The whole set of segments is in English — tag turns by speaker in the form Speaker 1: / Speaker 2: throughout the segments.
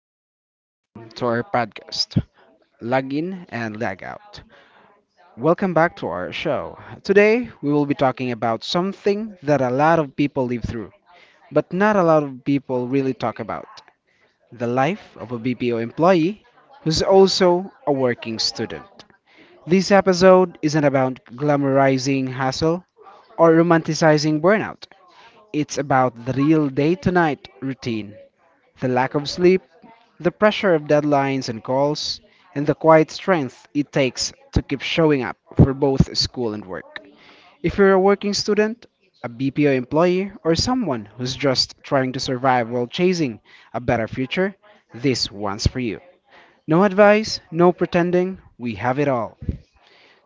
Speaker 1: everyone. Welcome to our podcast, Log In and Lag Out. Welcome back to our show. Today, we will be talking about something that a lot of people live through, but not a lot of people really talk about the life of a BPO employee who's also a working student. This episode isn't about glamorizing hustle or romanticizing burnout, it's about the real day to night routine. The lack of sleep, the pressure of deadlines and calls, and the quiet strength it takes to keep showing up for both school and work. If you're a working student, a BPO employee, or someone who's just trying to survive while chasing a better future, this one's for you. No advice, no pretending, we have it all.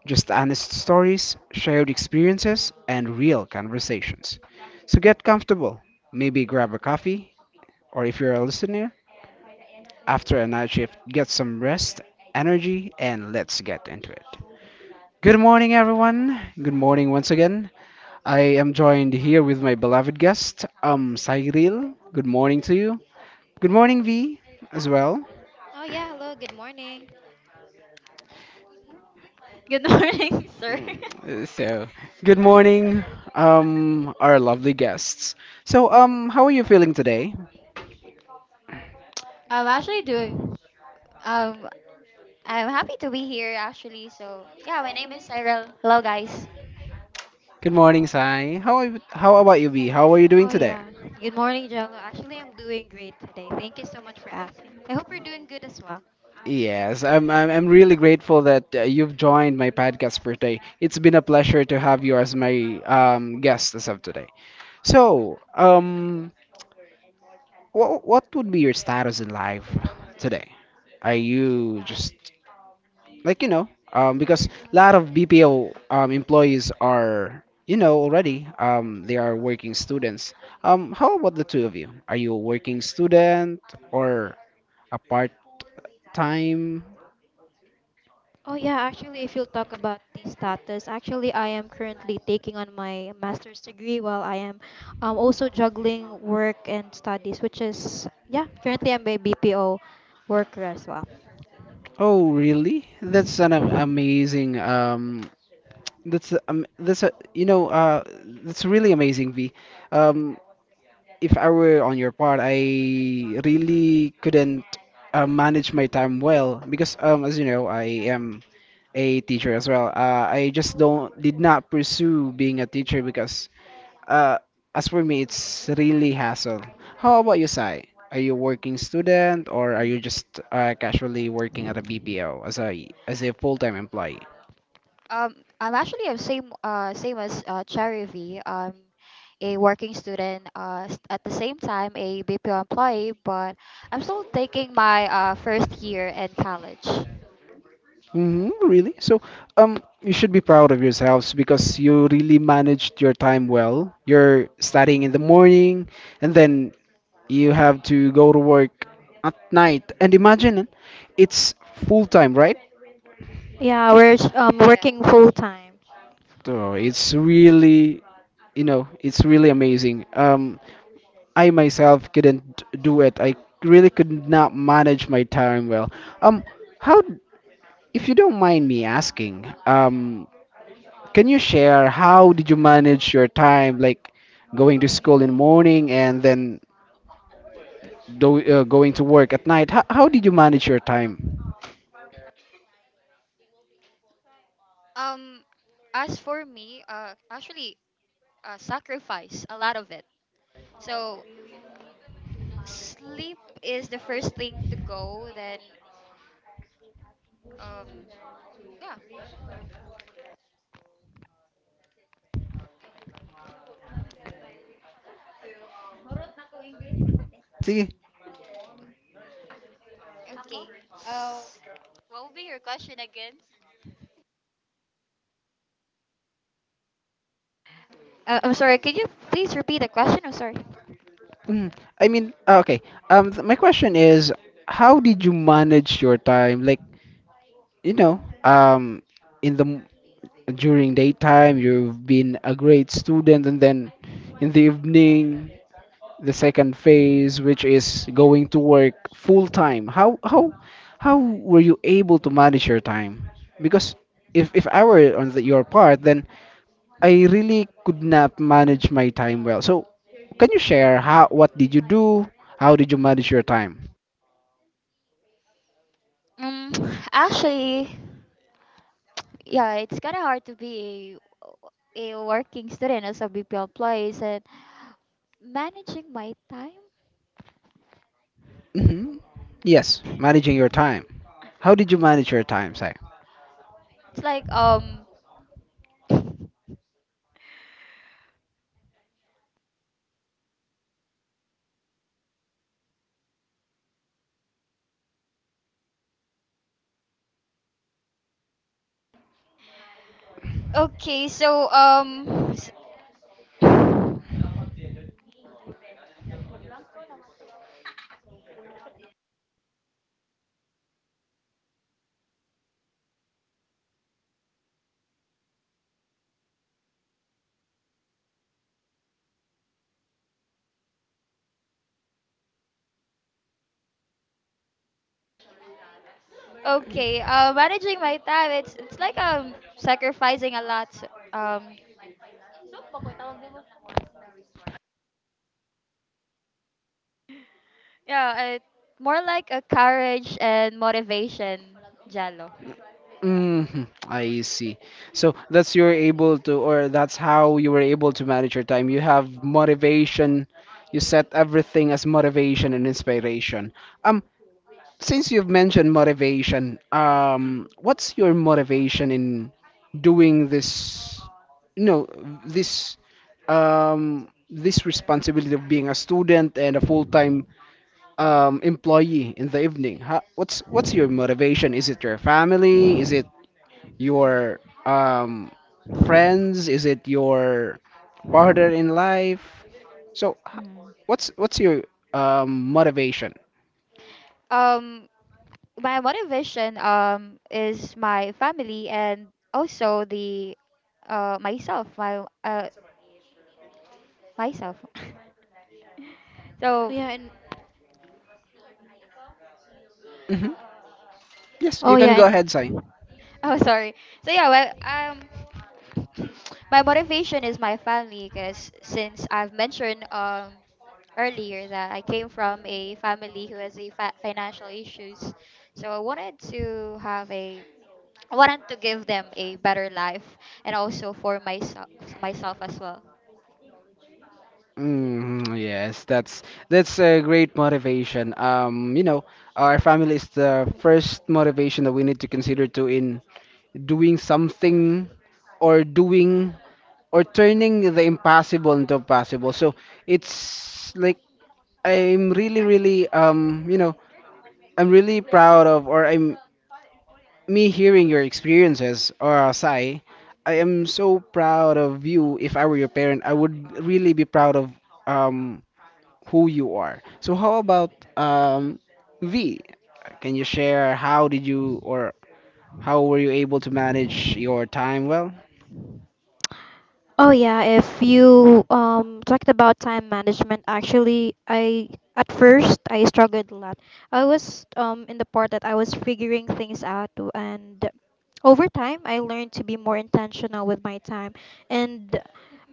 Speaker 1: Just honest stories, shared experiences, and real conversations. So get comfortable, maybe grab a coffee, or if you're a listener, after a night shift, get some rest, energy, and let's get into it. Good morning, everyone. Good morning once again. I am joined here with my beloved guest, Cyril. Good morning to you. Good morning, V, as well.
Speaker 2: Oh yeah, hello, good morning.
Speaker 3: Good morning, sir.
Speaker 1: So, good morning, our lovely guests. So, how are you feeling today?
Speaker 3: I'm actually doing um I'm happy to be here actually. So yeah, my name is Cyril. Hello guys.
Speaker 1: Good morning, Sai. How are you, how about you, V? How are you doing
Speaker 2: Oh
Speaker 1: today?
Speaker 2: yeah. Good morning, Jello. Actually, I'm doing great today. Thank you so much for asking. I hope you're doing good as well.
Speaker 1: Yes, I'm really grateful that you've joined my podcast for today. It's been a pleasure to have you as my guest as of today. So, what would be your status in life today? Are you just like, you know, because a lot of BPO employees are, you know, already they are working students. How about the two of you? Are you a working student or a part time?
Speaker 2: Oh yeah, actually, if you'll talk about the status, actually, I am currently taking on my master's degree while I am also juggling work and studies, which is yeah, currently I'm a BPO worker as well.
Speaker 1: Oh, really? That's amazing. That's a you know that's really amazing, V. Um, if I were on your part, I really couldn't manage my time well because as you know I am a teacher as well. I just don't did not pursue being a teacher because uh, as for me, it's really hassle. How about you, Sai? Are you working student or are
Speaker 3: Mhm.
Speaker 1: you just casually working at a BPO as a full-time employee?
Speaker 3: Um I'm actually a same same as Cherry V. A working student at the same time a BPO employee, but I'm still taking my first year in college.
Speaker 1: Hmm, really? So, you should be proud of yourselves because you really managed your time well. You're studying in the morning and then you have to go to work at night. And imagine it, it's full-time, right?
Speaker 2: Yeah, we're
Speaker 3: Yeah.
Speaker 2: working full time.
Speaker 1: So it's really, you know, it's really amazing. I myself couldn't do it. I really could not manage my time well. Um, how, if you don't mind me asking, can you share how did you manage your time, like going to school in the morning and then going to work at night? How did you manage your time?
Speaker 3: Um as for me, actually sacrifice a lot of it. So sleep is the first thing to go. Then, um, yeah.
Speaker 1: See,
Speaker 3: Okay. Uh, what will be your question again? I'm sorry. Could you please repeat the question? I'm sorry.
Speaker 1: mm, I mean, okay. My question is, how did you manage your time? Like, you know, in the during daytime you've been a great student and then in the evening the second phase which is going to work full time how were you able to manage your time because if I were on your part then I really could not manage my time well so can you share how what did you do how did you manage your time
Speaker 3: Um, actually, yeah, it's kind of hard to be a working student as a BPO employee. And managing my time.
Speaker 1: hmm yes managing your time how did you manage your time Si?
Speaker 3: It's like. Okay. Okay. Managing my time. It's like sacrificing a lot. Um, Yeah, it, more like a courage and motivation, Jello.
Speaker 1: Hmm, I see. So that's you're able to, or that's how you were able to manage your time. You have motivation. You set everything as motivation and inspiration. Um, since you've mentioned motivation, what's your motivation in doing this? No, this this responsibility of being a student and a full-time
Speaker 3: Mm,
Speaker 1: employee in the evening. How, what's your motivation? Is it your family? Is it your
Speaker 3: mm,
Speaker 1: friends? Is it your partner in life? So,
Speaker 3: mhm.
Speaker 1: what's your motivation?
Speaker 3: Um, my motivation is my family and also the myself, my myself.
Speaker 2: Oh
Speaker 3: So
Speaker 2: yeah, and
Speaker 1: Hmm. Yes,
Speaker 2: oh
Speaker 1: you can
Speaker 2: yeah,
Speaker 1: go
Speaker 2: and
Speaker 1: ahead, Sai.
Speaker 3: oh sorry. So yeah, well my motivation is my family because since I've mentioned earlier that I came from a family who has a financial issues, so I wanted to have a want to give them a better life and also for myself as well.
Speaker 1: Mm, yes, that's a great motivation. You know, our family is the first motivation that we need to consider to in doing something or doing or turning the impossible into possible. So it's like I'm really, really, you know, I'm really proud of, or I'm me hearing your experiences, or Asai. I am so proud of you. If I were your parent, I would really be proud of um who you are. So how about V? Can you share how did you or how were you able to manage your time well?
Speaker 2: Oh yeah, if you talked about time management. Actually, I at first I struggled a lot. I was in the part that I was figuring things out, and over time I learned to be more intentional with my time, and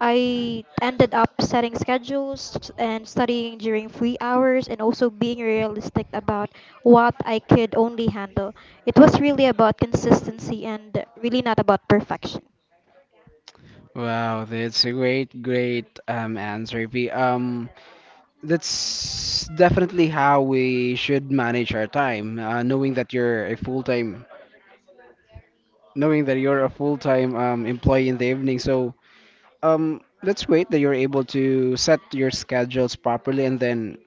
Speaker 2: I ended up setting schedules and studying during free hours, and also being realistic about what I could only handle. It was really about consistency and really not about perfection.
Speaker 1: Wow, that's a great, great answer, V. That's definitely how we should manage our time knowing that you're a full-time knowing that you're a full-time employee in the evening so that's great that you're able to set your schedules properly and then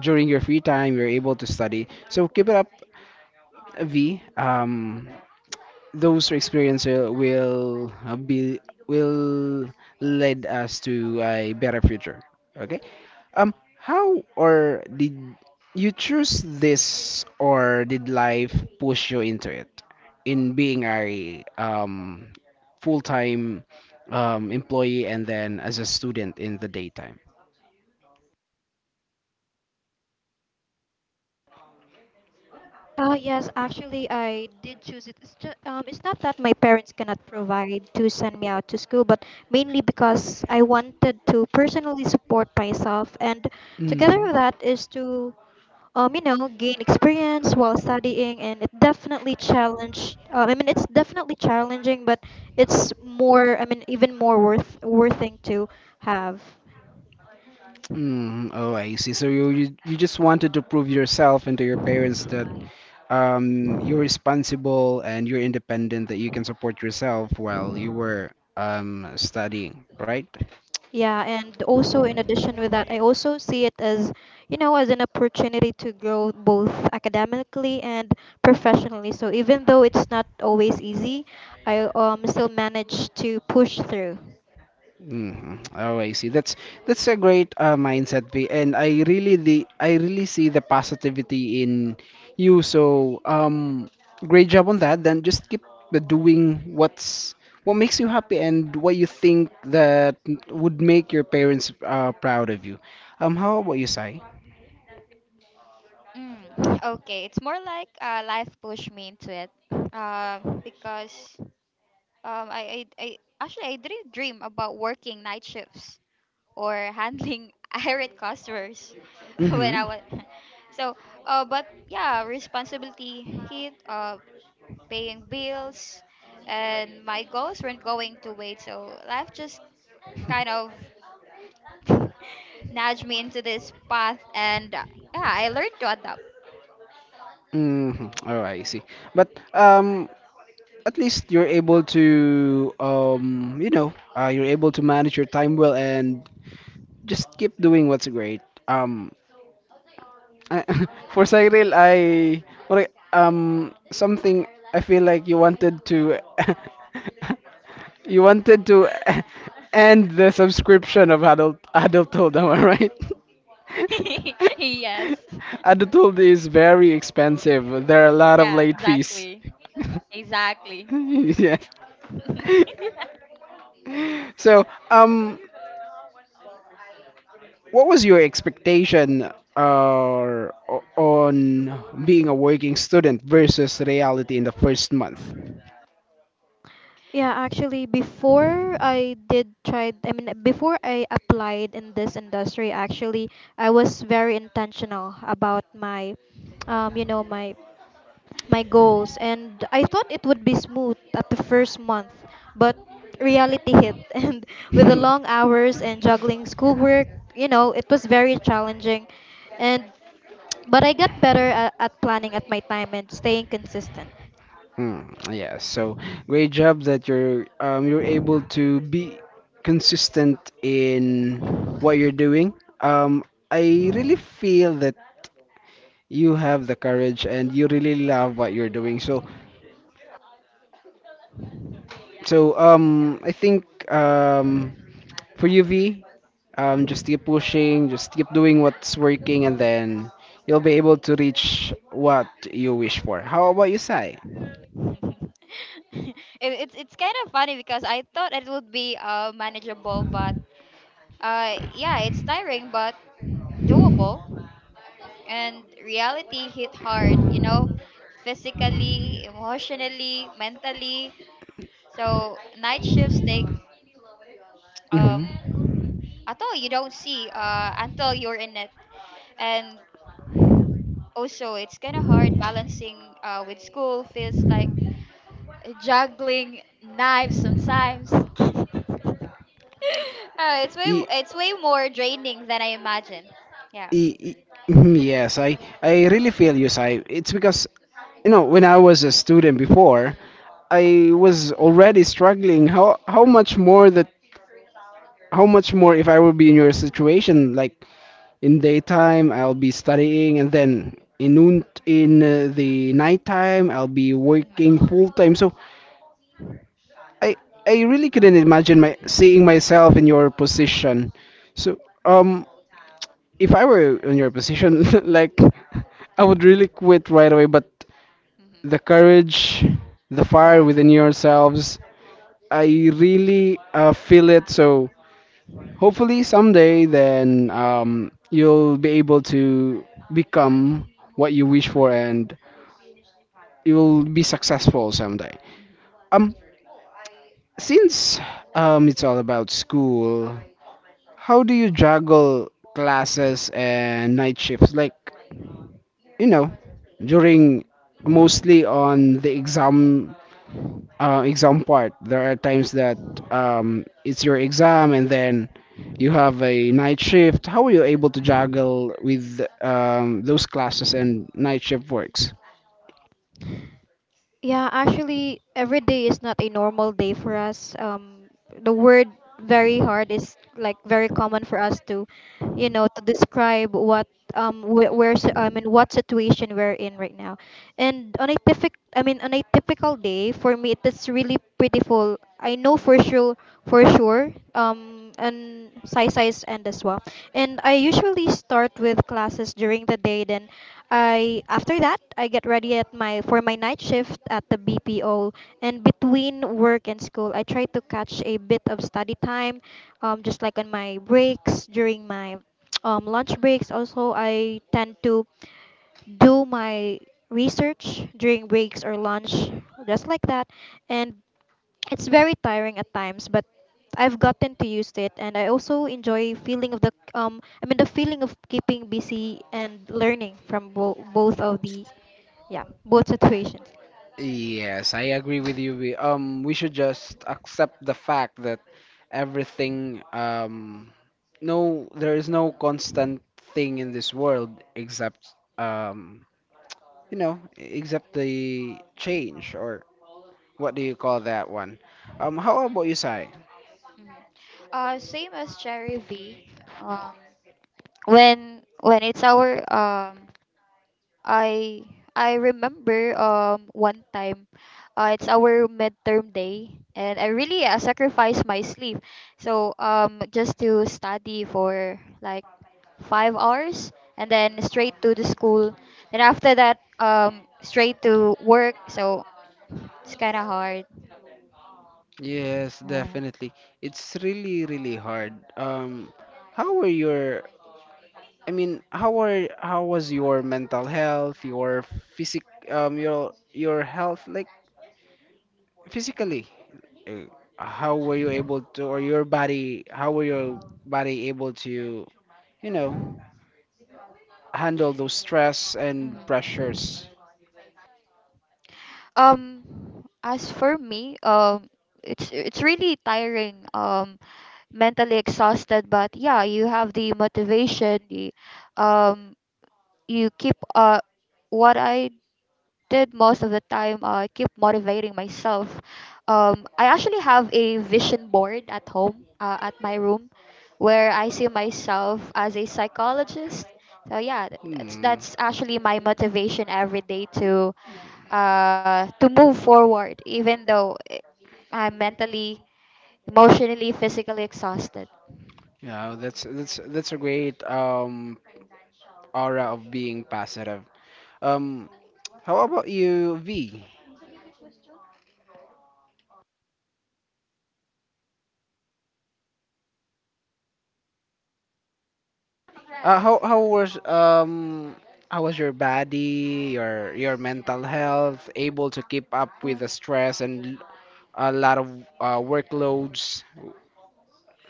Speaker 1: during your free time you're able to study so keep it up v those experiences will be will lead us to a better future. Okay. Um, how or did you choose this, or did life push you into it, in being a full-time employee and then as a student in the daytime?
Speaker 2: Oh yes, actually I did choose it. It's just, it's not that my parents cannot provide to send me out to school, but mainly because I wanted to personally support myself, and together
Speaker 1: Mm-hmm.
Speaker 2: with that is to gain experience while studying, and it definitely challenged. I mean, it's definitely challenging, but it's more. I mean, even more worth thing to have.
Speaker 1: Mm, oh, I see. So you just wanted to prove yourself and to your parents that you're responsible and you're independent that you can support yourself while you were studying right
Speaker 2: Yeah, and also in addition with that, I also see it as, you know, as an opportunity to grow both academically and professionally. So even though it's not always easy, I still manage to push through.
Speaker 1: hmm oh I see that's a great mindset P. And I really the I really see the positivity in you so great job on that then just keep the doing what's what makes you happy and what you think that would make your parents proud of you how about you sai.
Speaker 3: Mm, okay, it's more like life pushed me into it. Because I actually I didn't dream about working night shifts or handling irate customers when I
Speaker 1: Mm-hmm.
Speaker 3: was so. But yeah, responsibility hit. Paying bills, and my goals weren't going to wait. So life just kind of nudged me into this path and yeah, I learned to adapt.
Speaker 1: Mm-hmm. All right, I see. But um, at least you're able to you know, you're able to manage your time well and just keep doing what's great. Um, I, for Cyril, I like something. I feel like you wanted to, you wanted to end the subscription of adulthood. Am I right?
Speaker 3: Yes,
Speaker 1: Adulthood is very expensive. There are a lot of
Speaker 3: yeah,
Speaker 1: late fees.
Speaker 3: exactly, exactly.
Speaker 1: yeah.
Speaker 3: it,
Speaker 1: So, um, what was your expectation on being a working student versus reality in the first month?
Speaker 2: Yeah, actually, before I applied in this industry. Actually, I was very intentional about my, you know, my goals, and I thought it would be smooth at the first month, but reality hit and with the long hours and juggling schoolwork, it was very challenging, and but I got better at planning at my time and staying consistent.
Speaker 1: Mm, yeah, so great job that you're able to be consistent in what you're doing. Um, I really feel that you have the courage and you really love what you're doing. So, so I think um, for you, V, just keep pushing, just keep doing what's working, and then you'll be able to reach what you wish for. How about you, Sai?
Speaker 3: it's kind of funny because I thought it would be manageable, but yeah, it's tiring but doable. And reality hit hard, you know, physically, emotionally, mentally. So night shifts take um
Speaker 1: Mm-hmm.
Speaker 3: at all you don't see until you're in it. And also it's kind of hard balancing with school. Feels like juggling knives sometimes. It's way
Speaker 1: Y,
Speaker 3: it's way more draining than I imagine. Yeah.
Speaker 1: y, y- yes, I really feel you, Sai. It's because, you know, when I was a student before, I was already struggling. How much more that how much more if I would be in your situation, like in daytime I'll be studying, and then in the nighttime I'll be working
Speaker 3: Mhm.
Speaker 1: full time. So I I really couldn't imagine my seeing myself in your position. So um if I were in your position, like I would really quit right away. But
Speaker 3: Mhm.
Speaker 1: the courage, the fire
Speaker 3: Yeah.
Speaker 1: within yourselves, I really feel it. So hopefully someday, then you'll be able to become what you wish
Speaker 3: Mhm.
Speaker 1: for, and you'll be successful someday.
Speaker 3: Mhm.
Speaker 1: Um, since it's all about school, how do you juggle classes and night shifts? Like you know during mostly on the exam exam part there are times that it's your exam and then you have a night shift how are you able to juggle with those classes and night shift works.
Speaker 2: Yeah, actually, every day is not a normal day for us. The word very hard is like very common for us to describe what wh-
Speaker 3: Mhm.
Speaker 2: where si, I mean what situation we're in right now. And on a typical day for me, it is really pretty full. I know for sure, and size and as well. And I usually start with classes during the day, then I after that I get ready at my for my night shift at the BPO, and between work and school I try to catch a bit of study time, just like on my breaks during my lunch breaks. Also, I tend to do my research during breaks or lunch, just like that, and it's very tiring at times, but I've gotten to used it, and I also enjoy feeling of the. I mean, the feeling of keeping busy and learning from both of the, yeah both situations.
Speaker 1: Yes, I agree with
Speaker 3: Mhm.
Speaker 1: you. We should just accept the fact that everything, no, there is no constant thing in this world except um, you know, except the change or what do you call that one? How about you, Sai?
Speaker 3: Mhm. Same as Cherry V. um when it's our I I remember one time, it's our midterm day, and I really sacrificed my sleep, so just to study for like 5 hours, and then straight to the school, then after that straight to work. So it's kind of hard.
Speaker 1: Yes,
Speaker 3: Yeah.
Speaker 1: definitely. It's really, really hard. How were your, I mean, how was your mental health, your physic, your health, like physically? Uh, How were you able to, or your body, how were your body able to, you know, handle those stress and
Speaker 3: Mm.
Speaker 1: pressures?
Speaker 3: Um, as for me, it's really tiring. Mentally exhausted, but yeah, you have the motivation. You, um you keep uh what i did most of the time, I keep motivating myself. Um, I actually have a vision board at home, at my room, where I see myself as a psychologist. So yeah, that's
Speaker 1: Hmm.
Speaker 3: actually my motivation every day to move forward, even though I'm mentally, emotionally, physically exhausted.
Speaker 1: Yeah, that's a great aura of being positive. Um, how about you, V? Right. How was your body, your mental health, able to keep up with
Speaker 2: Uh,
Speaker 1: the stress and a lot of workloads?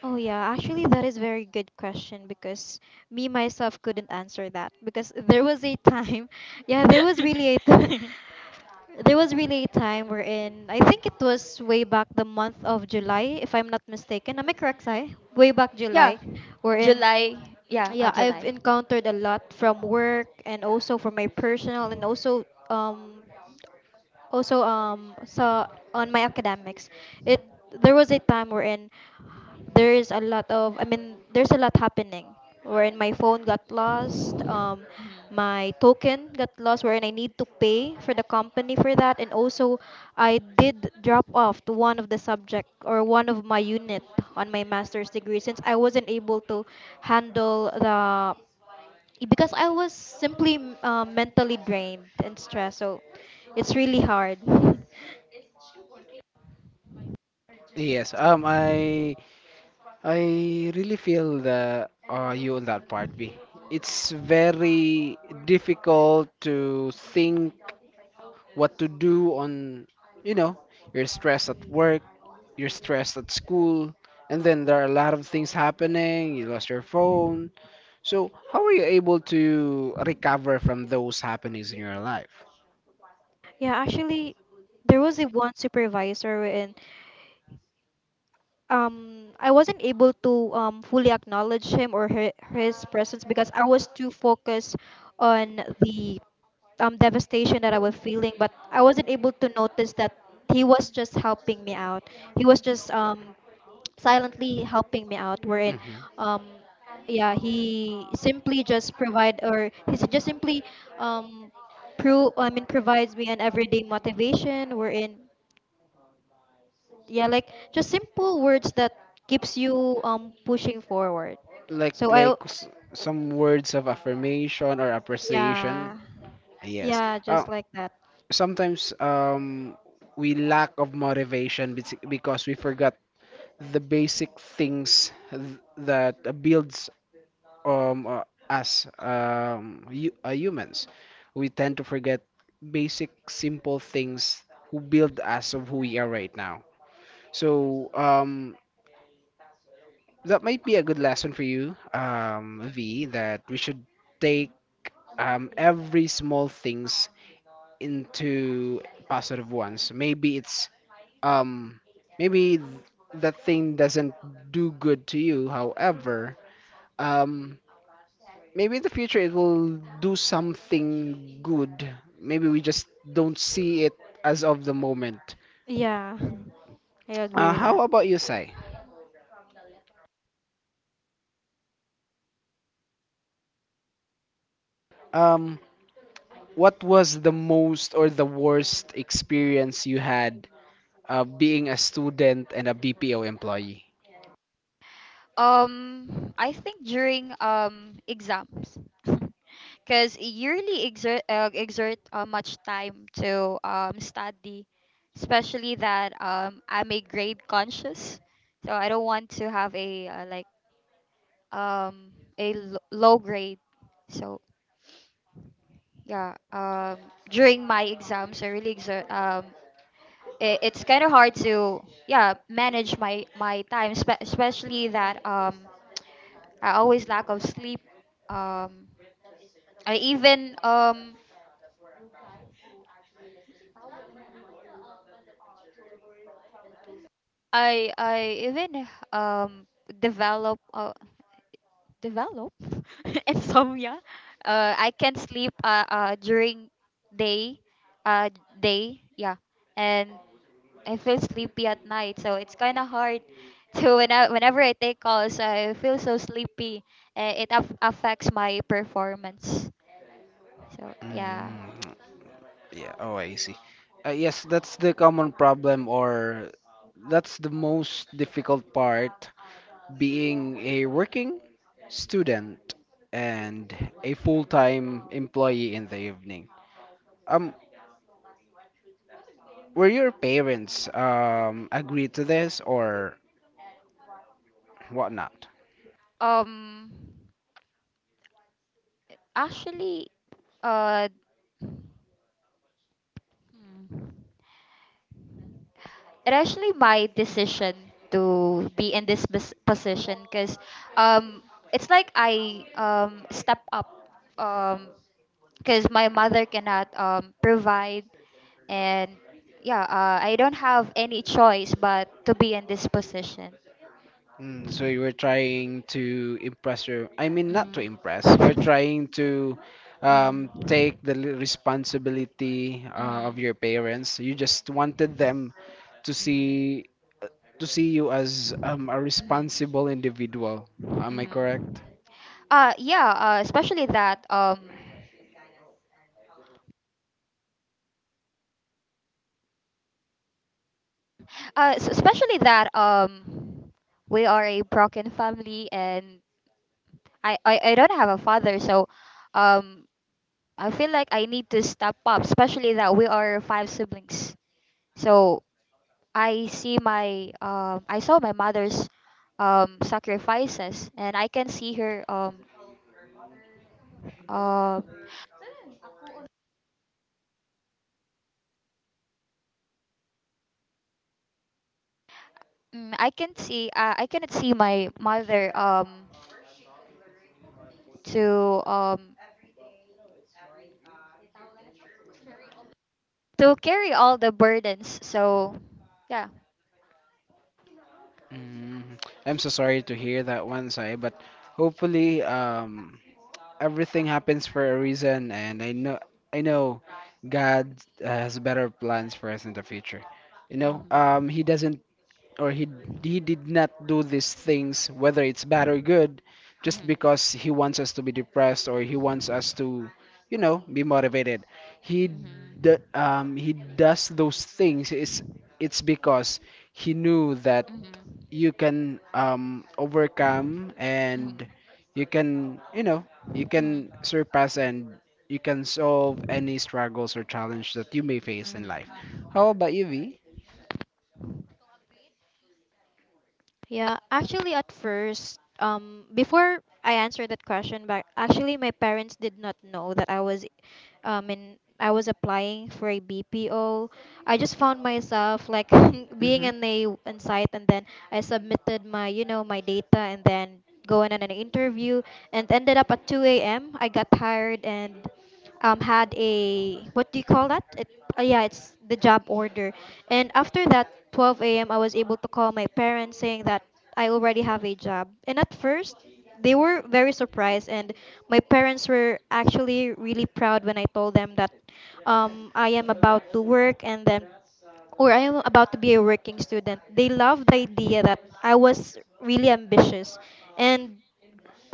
Speaker 2: oh yeah, actually, that is very good question, because me myself couldn't answer that, because there was a time, yeah, there was really a t- there was really a time wherein I think it was way back the month of July, if I'm not mistaken. Am I correct, Sai? Way back
Speaker 3: Yeah,
Speaker 2: July, wherein
Speaker 3: July. Yeah,
Speaker 2: yeah, I've
Speaker 3: July.
Speaker 2: encountered a lot from work and also from my personal, and also um also so on my academics. It there was a time wherein there is a lot of I mean there's a lot happening, wherein my phone got lost,
Speaker 3: Hmm.
Speaker 2: my token got lost, wherein I need to pay for the company for that, and also I did drop off to one of the subject or one of my unit on my master's degree, since I wasn't able to handle the, because I was simply mentally drained and stressed. So it's really
Speaker 3: Hmm.
Speaker 2: hard.
Speaker 1: Yes. I really feel that you on that part B. It's very difficult to think what to do on, you know, you're stressed at work, you're stressed at school, and then there are a lot of things happening. You lost your phone. So, how are you able to recover from those happenings in your life?
Speaker 2: Yeah, actually, there was a one supervisor, and I wasn't able to fully acknowledge him or her, his presence, because I was too focused on the devastation that I was feeling, but I wasn't able to notice that he was just helping me out. He was just silently helping me out, wherein
Speaker 1: Hmm.
Speaker 2: um yeah, he simply just provide or he s- just simply um pro I mean provides me an everyday motivation, wherein yeah, like, just simple words that keeps you pushing forward.
Speaker 1: Like,
Speaker 2: so i
Speaker 1: like
Speaker 2: al-
Speaker 1: s- some words of affirmation or appreciation.
Speaker 2: yeah,
Speaker 1: Yes.
Speaker 2: yeah,
Speaker 1: Uh,
Speaker 2: just like that,
Speaker 1: Sometimes, we lack of motivation because we forgot the basic things that builds us, humans. We tend to forget basic, simple things who build us of who we are right now. So that might be a good lesson for you, V, that we should take every small things into positive ones. Um maybe that thing doesn't do good to you. However, um maybe in the future it will do something good. Maybe we just don't see it as of the moment.
Speaker 2: yeah. I agree with that.
Speaker 1: How about you, Sai? Um, what was the most or the worst experience you had, being a student and a BPO employee?
Speaker 3: Um, I think during exams, because yearly exert much time to study, especially that I'm a grade conscious, so I don't want to have a like a low grade. So yeah, during my exams, I really exert I- it's kind of hard to yeah manage my time, especially that I always lack of sleep. Um i even um i i even um develop develop insomnia. I can't sleep, during day uh day, yeah. And I feel sleepy at night, so it's kind of hard. to When I, whenever I take calls, I feel so sleepy. It affects my performance. So yeah.
Speaker 1: Mm. Yeah. Oh, I see. Yes, that's the common problem, or that's the most difficult part being a working student and a full-time employee in the evening. Um, were your parents agree to this or whatnot?
Speaker 3: Um, actually, uh, hmm, it actually my decision to be in this position because, um, it's like I step up, um because my mother cannot provide, and yeah, I don't have any choice but to be in this position.
Speaker 1: Mm, so you were trying to impress your, I mean, not to
Speaker 3: Mm.
Speaker 1: impress, you're
Speaker 3: Mm.
Speaker 1: trying to,
Speaker 3: Mm.
Speaker 1: take the responsibility of
Speaker 3: Mm.
Speaker 1: your parents. You just wanted them to see to see you as, a
Speaker 3: Mm.
Speaker 1: responsible individual. Am I
Speaker 3: Mm.
Speaker 1: correct?
Speaker 3: Yeah, especially that especially that we are a broken family, and I don't have a father. So um I feel like I need to step up, especially that we are 5 siblings. So I see my I saw my mother's sacrifices, and I can see her uh, I can see I cannot see my mother to um to carry all the burdens. So yeah.
Speaker 1: Mm, I'm so sorry to hear that one, Sai, but hopefully, everything happens for a reason, and I know God has better plans for us in the future. You know, He doesn't, or he did not do these things, whether it's bad or good, just
Speaker 3: Mhm.
Speaker 1: because he wants us to be depressed, or he wants us to, you know, be motivated. he
Speaker 3: Mhm.
Speaker 1: d- um he does those things. It's because he knew that
Speaker 3: Mhm.
Speaker 1: you can overcome,
Speaker 3: Mhm.
Speaker 1: and
Speaker 3: Mhm.
Speaker 1: you can you know you can
Speaker 3: Mhm.
Speaker 1: surpass, and you can solve any struggles or challenge that you may face in life.
Speaker 3: Mhm.
Speaker 1: How about you, V?
Speaker 2: Yeah, actually, at first, before I answer that question, but actually, my parents did not know that I was, in I was applying for a BPO. I just found myself like
Speaker 1: Hmm.
Speaker 2: being
Speaker 1: Hmm.
Speaker 2: in a in site, and then I submitted my data, and then going on an interview, and ended up at 2 a.m. I got hired, and had a what do you call that? Yeah, it's the job order. And after that 12 a.m., I was able to call my parents, saying that I already have a job. And at first, they were very surprised, and my parents were actually really proud when I told them that I am about to work, and then, or I am about to be a working student. They loved the idea that I was really ambitious. And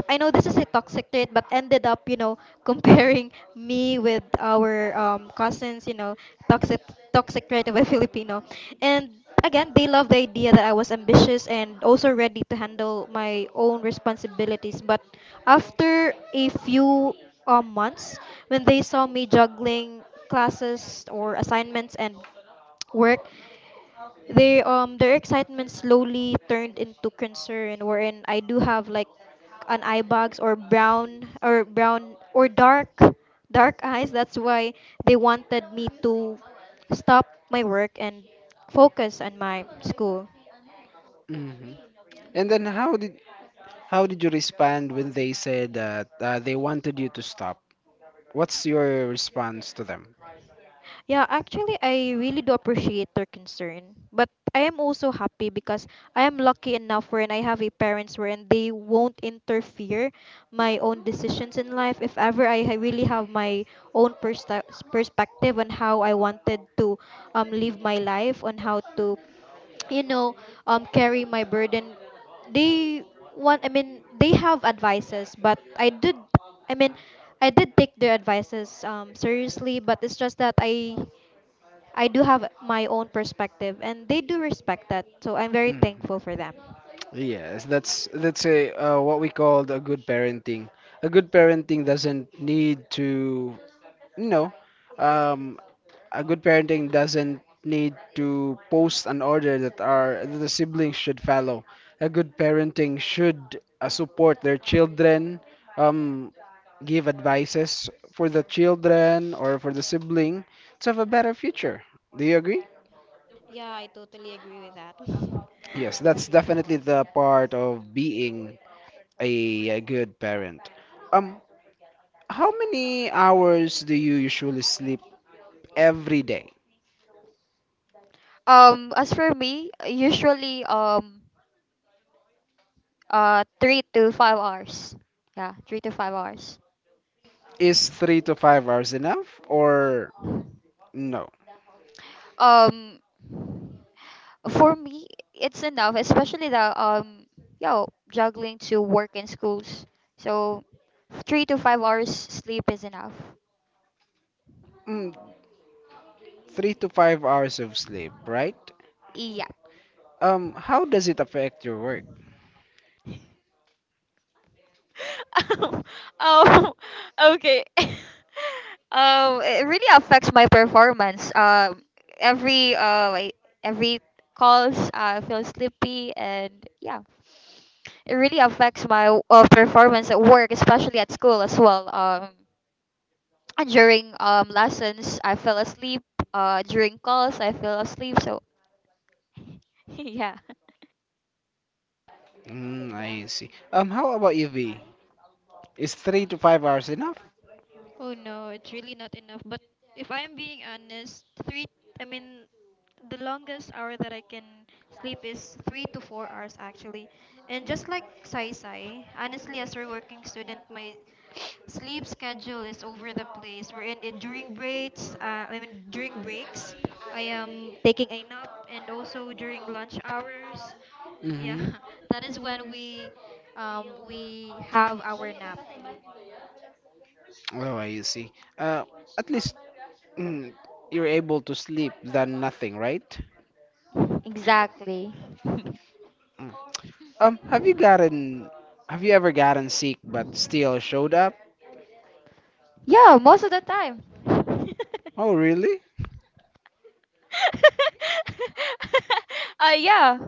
Speaker 2: I know this is a toxic trait, but ended up, comparing me with our cousins, toxic toxic trait of a Filipino. And again, they love the idea that I was ambitious and also ready to handle my own responsibilities. But after a few months, when they saw me juggling classes or assignments and work, they their excitement slowly turned into concern, wherein I do have like an eye bags, or brown, or dark eyes. That's why they wanted me to stop my work and focus on my school.
Speaker 1: And then how did you respond when they said that, they wanted you to stop? What's your response to them?
Speaker 2: Yeah, actually, I really do appreciate their concern. But I am also happy, because I am lucky enough, wherein I have a parents wherein they won't interfere my own decisions in life. If ever I really have my own perspective on how I wanted to live my life, on how to, you know, carry my burden, they they have advices, but I mean, I did take their advices seriously, but it's just that I do have my own perspective and they do respect that. So I'm very
Speaker 1: Mhm.
Speaker 2: thankful for them.
Speaker 1: Yes, that's a, what we called, a good parenting. A good parenting doesn't need to, you know, um, post an order that our that the siblings should follow. A good parenting should support their children, um, give advices for the children or for the sibling to have a better future. Do you agree?
Speaker 2: Yeah, I totally agree with that.
Speaker 1: Yes, that's definitely the part of being a good parent. Um, how many hours do you usually sleep every day?
Speaker 3: Um, as for me, usually, 3 to 5 hours. Yeah, 3 to 5 hours.
Speaker 1: Is 3 to 5 hours enough or no?
Speaker 3: Um, for me it's enough, especially the yo juggling to work and schools, so 3 to 5 hours sleep is enough.
Speaker 1: Mm, 3 to 5 hours of sleep, right?
Speaker 3: Yeah.
Speaker 1: How does it affect your work?
Speaker 3: um okay it really affects my performance. Every like, every calls I feel sleepy, and yeah, it really affects my performance at work, especially at school as well. During lessons I fell asleep, during calls I fell asleep. So yeah.
Speaker 1: Mm, I see. How about you, V? Is 3 to 5 hours enough?
Speaker 2: Oh no, it's really not enough. But if I am being honest, I mean, the longest hour that I can sleep is 3 to 4 hours actually. And just like Sai Sai, honestly, as a working student, my sleep schedule is over the place. We're in it during breaks. I mean during breaks, I am taking a nap, and also during lunch hours. Yeah,
Speaker 1: Mm-hmm.
Speaker 2: that is when we have our nap.
Speaker 1: Oh, I see. Uh, at least. Mm, you're able to sleep than nothing, right?
Speaker 3: Exactly.
Speaker 1: Mm. Um, have you gotten, have you ever gotten sick but still showed up?
Speaker 3: Yeah, most of the time. uh
Speaker 1: Oh, really?
Speaker 3: yeah.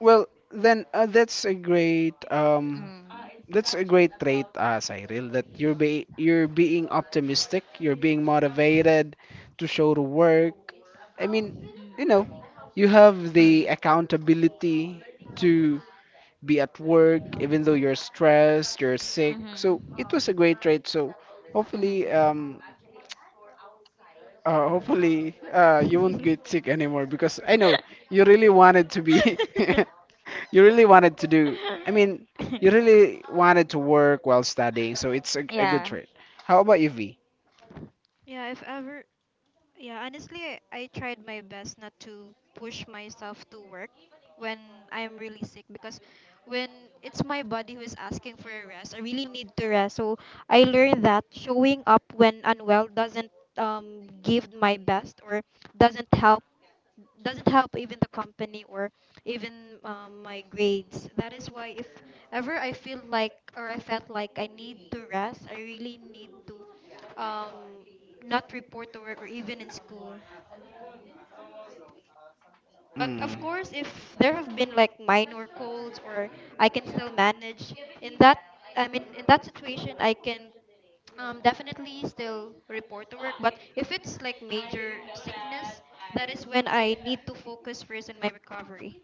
Speaker 1: Well, then, that's a great,
Speaker 3: Mm.
Speaker 1: trait, Cyril, that you're being optimistic, you're being motivated to show to work. I mean, you
Speaker 3: Mm-hmm.
Speaker 1: know, you have the accountability to be at work, even though you're stressed, you're sick. So it
Speaker 3: Mm-hmm.
Speaker 1: was a great trade. So hopefully, um, hopefully, you won't
Speaker 3: Mm-hmm.
Speaker 1: get sick anymore, because I know you really wanted to be, you really wanted to do. I mean, you really wanted to work while studying. So it's a, a good
Speaker 3: Yeah.
Speaker 1: trade. How about you, V?
Speaker 2: Yeah, if ever Yeah, honestly, I tried my best not to push myself to work when I'm really sick, because when it's my body who is asking for a rest, I really need to rest. So I learned that showing up when unwell doesn't, give my best, or doesn't help doesn't help even the company, or even my grades. That is why, if ever I feel like or I felt like I need to rest, I really need to, um, not report to work or even in school. But of
Speaker 1: Mm.
Speaker 2: course, if there have been like minor colds, or I can still manage in that, in that situation, I can, definitely still report to work. But if it's like major sickness, that is when I need to focus first in my recovery.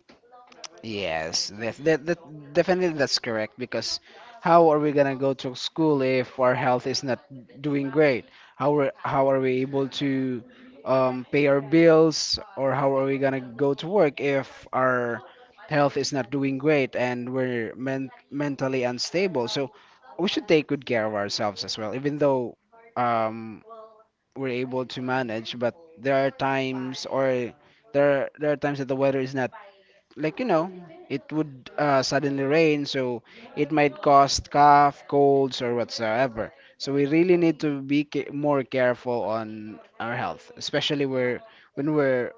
Speaker 1: Yes, that definitely that's correct, because how are we gonna go to school if our health is not doing great? How are we able to, pay our bills, or how are we gonna go to work if our health is not doing great and we're mentally unstable? So we should take good care of ourselves as well, even though, um, we're able to manage, but there are times, or there are times that the weather is not, like, you know, it would, suddenly rain, so it might cause cough, colds, or whatsoever. So we really need to be more careful on our health, especially where when we're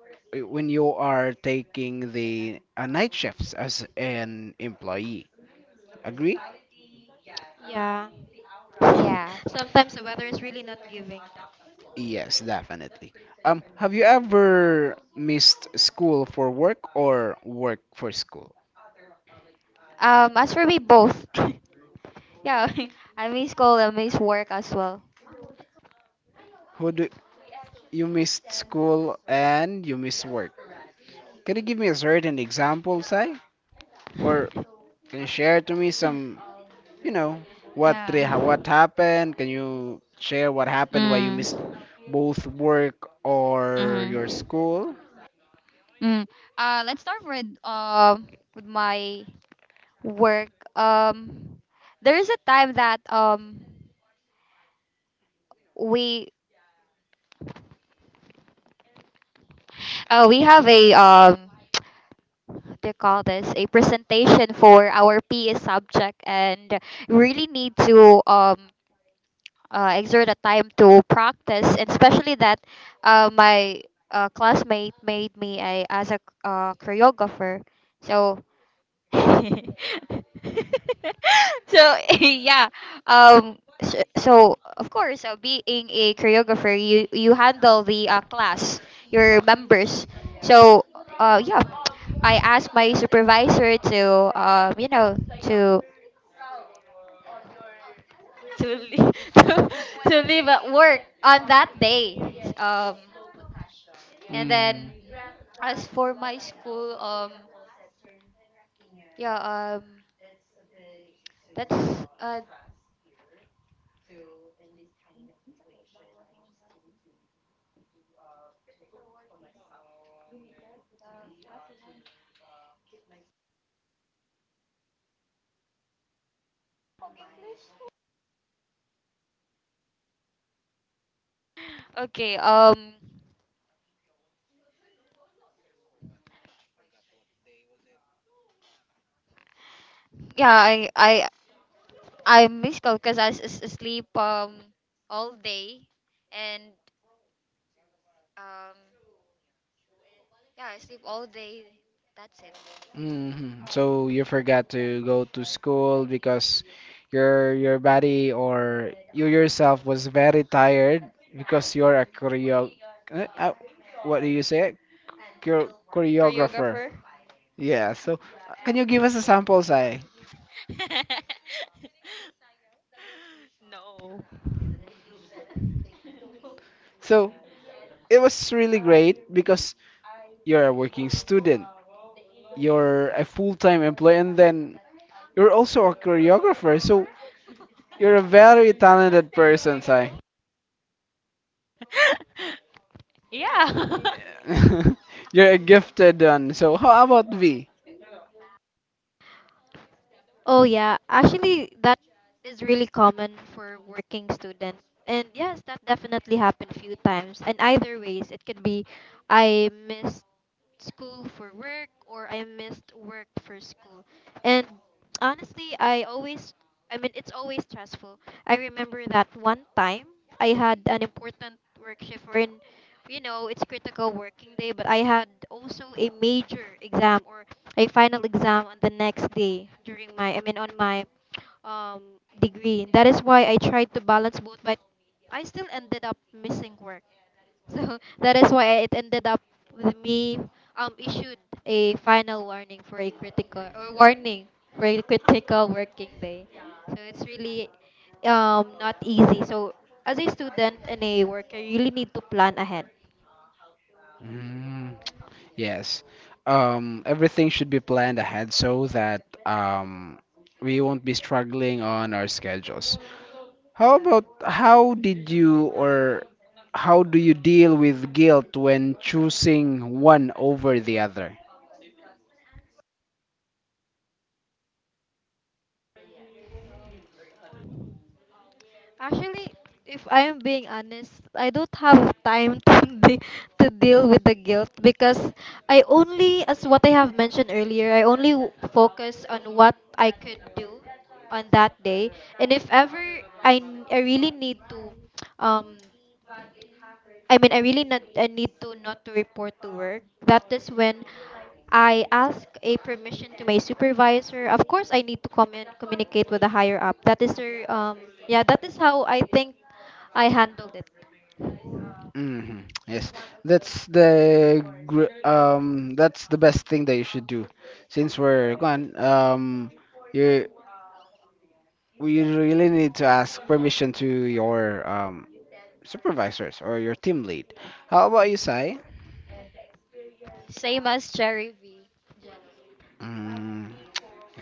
Speaker 1: when you are taking the, night shifts as an employee. Agree?
Speaker 2: Yeah.
Speaker 3: Yeah.
Speaker 2: Sometimes the weather is really not giving.
Speaker 1: Yes, definitely. Have you ever missed school for work, or work for school?
Speaker 3: As for me, both. Yeah, I miss school and miss work as well.
Speaker 1: Who do you missed school and you miss work? Can you give me a certain example, say, or can you share to me some, you know,
Speaker 3: Yeah.
Speaker 1: what happened? Can you share what happened? Why you missed
Speaker 3: Mm.
Speaker 1: both work or your
Speaker 3: Mm-hmm.
Speaker 1: school?
Speaker 3: Mm. Let's start with my work. There is a time that we we have a what do you call this, a presentation for our PE subject, and we really need to exert a time to practice, and especially that my classmate made me a as a choreographer. So so yeah, so, so of course, being a choreographer you you handle the class, your members. So yeah, I asked my supervisor to you know, to leave, to leave at work on that day. Um and
Speaker 1: Mm.
Speaker 3: then As for my school, yeah, um that's uh okay, yeah i i I miss Coke because is sleep all day. And um yeah, I sleep all day. That's it.
Speaker 1: Hmm. So you forgot to go to school because your body, or you yourself was very tired because you're a choreo. Uh, uh, what do you say? Choreographer.
Speaker 3: Choreographer.
Speaker 1: Yeah, so, can you give us a sample, Sai?
Speaker 3: Oh.
Speaker 1: So it was really great because you're a working student, you're a full-time employee, and then you're also a choreographer. So you're a very talented person, Sai.
Speaker 3: Yeah.
Speaker 1: You're a gifted one. So how about V?
Speaker 2: Oh yeah, actually that is really common for working students. And yes, that definitely happened a few times. And either ways, it could be I missed school for work, or I missed work for school. And honestly, I always I mean it's always stressful. I remember that one time I had an important work shift, wherein it's critical working day, but I had also a major exam, or a final exam on the next day, during my I mean on my degree. That is why I tried to balance both, but I still ended up missing work. So that is why it ended up with me, issued a final warning for a critical, or warning for a critical working day. So it's really, not easy. So as a student and a worker, you really need to plan ahead.
Speaker 1: Mm, yes. Everything should be planned ahead, so that, we won't be struggling on our schedules. How about how did you or How do you deal with guilt when choosing one over the other?
Speaker 2: Actually, if I'm being honest, I don't have time to deal with the guilt because as what I have mentioned earlier, I only focus on what I could do on that day. And if ever I really need to, um, I need to not to report to work. That is when I ask a permission to my supervisor. Of course, I need to communicate with the higher up. That is how I think I handled it.
Speaker 1: Hmm. Yes, that's the best thing that you should do. Since we're gone, you we really need to ask permission to your, supervisors or your team lead. How about you, Sai?
Speaker 3: Same as Cherry V, Jello.
Speaker 1: Mm,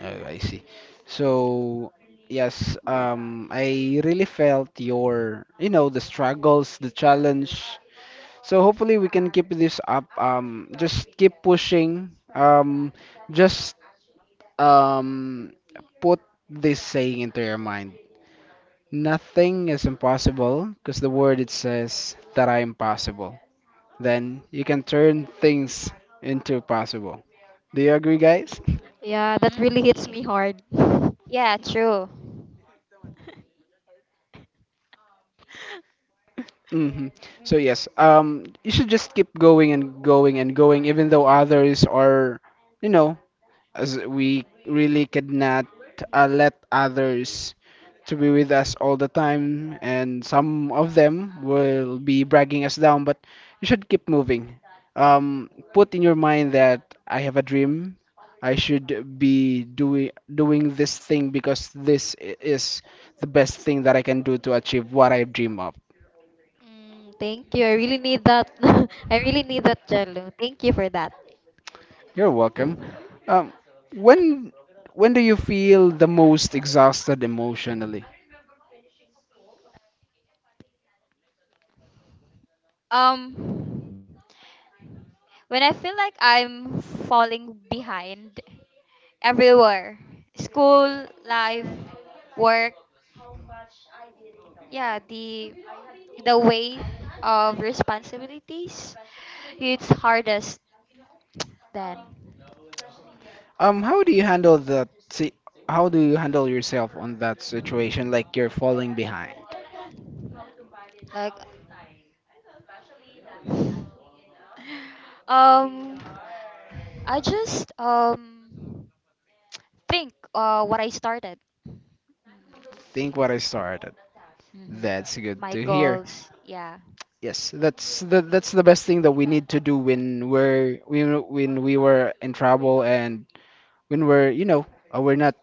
Speaker 1: oh, I see. So, yes, I really felt your, you know, the struggles, the challenge. So hopefully we can keep this up. Just keep pushing. Just um, Put this saying into your mind. Nothing is impossible, because the word it says that I am possible. Then you can turn things into possible. Do you agree, guys?
Speaker 2: Yeah, that
Speaker 3: Mm.
Speaker 2: really hits
Speaker 3: Y-
Speaker 2: me hard.
Speaker 3: Yeah, true.
Speaker 1: Hmm. So yes, you should just keep going and going and going, even though others are, you know, as we really could not, let others to be with us all the time, and some of them will be bragging us down, but you should keep moving. Put in your mind that I have a dream. I should be doing this thing, because this is the best thing that I can do to achieve what I dream of.
Speaker 2: Mm, thank you. I really need that. I really need that, Jello. Thank you for that.
Speaker 1: You're welcome. Um, when when do you feel the most exhausted emotionally?
Speaker 3: Um, when I feel like I'm falling behind everywhere. School, life, work, yeah, the weight of responsibilities it's hardest then.
Speaker 1: How do you handle that? How do you handle yourself on that situation? Like, you're falling behind.
Speaker 3: Like um I just think what I started.
Speaker 1: Think what I started.
Speaker 3: Hmm.
Speaker 1: That's good
Speaker 3: My
Speaker 1: to hear.
Speaker 3: goals, yeah.
Speaker 1: Yes, that's the best thing that we need to do when we're we when we were in trouble, and when we're, you know, we're not,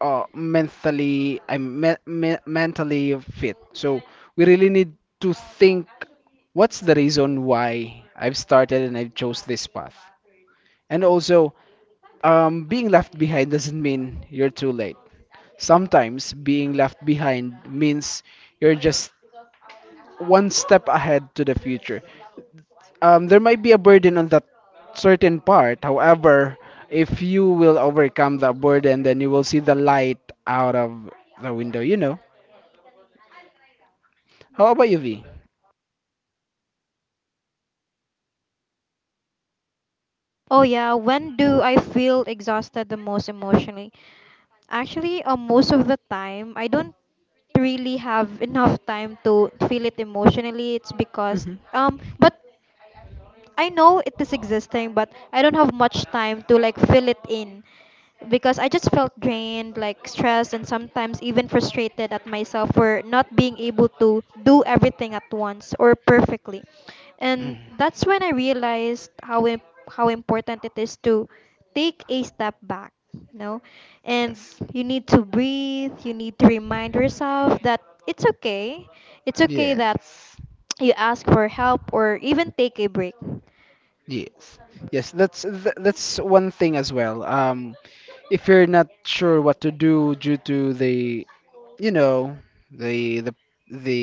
Speaker 1: mentally, mentally fit. So we really need to think what's the reason why I've started and I have chose this path. And also, being left behind doesn't mean you're too late. Sometimes being left behind means you're just one step ahead to the future. There might be a burden on that certain part. However, if you will overcome that burden, then you will see the light out of the window, you know. How about you, V?
Speaker 2: Oh yeah, when do I feel exhausted the most emotionally? Actually, most of the time, I don't really have enough time to feel it emotionally. It's because
Speaker 1: Hmm.
Speaker 2: but I know it is existing, but I don't have much time to like fill it in because I just felt drained, like stressed, and sometimes even frustrated at myself for not being able to do everything at once or perfectly. And
Speaker 1: Mhm.
Speaker 2: that's when I realized how important it is to take a step back, And
Speaker 1: Yes.
Speaker 2: you need to breathe, you need to remind yourself that it's okay. It's okay that
Speaker 1: Yes,
Speaker 2: you ask for help or even take a break.
Speaker 1: yes, yes. That's one thing as well. If you're not sure what to do due to the, you know, the the the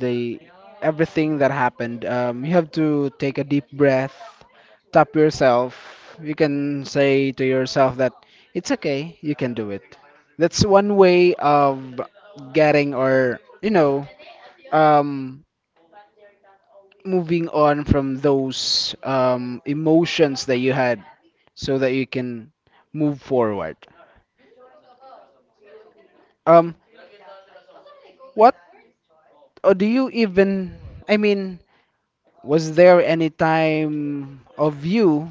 Speaker 1: the everything that happened, you have to take a deep breath, tap yourself. You can say to yourself that it's okay, you can do it. That's one way of getting, or, you know, um moving on from those, emotions that you had, so that you can move forward. um what, or do you even, I mean, was there any time of you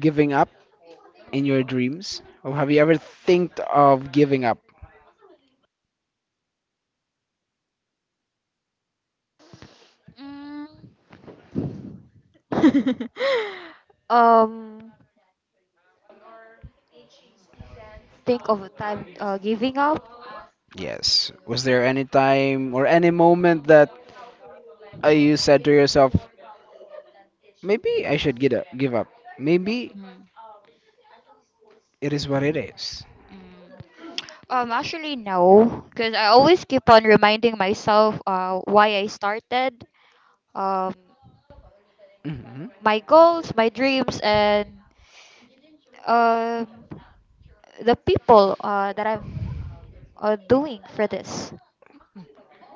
Speaker 1: giving up in your dreams, or have you ever think of giving up?
Speaker 3: Mm. um think of a time giving up.
Speaker 1: Yes, was there any time or any moment that, you said to yourself, maybe I should get up, give up, maybe
Speaker 3: Mm.
Speaker 1: it is what it is?
Speaker 3: Mm. Um, actually no, because I always keep on reminding myself why I started. Um,
Speaker 1: Mm-hmm.
Speaker 3: my goals, my dreams, and um, the people that I'm doing for this.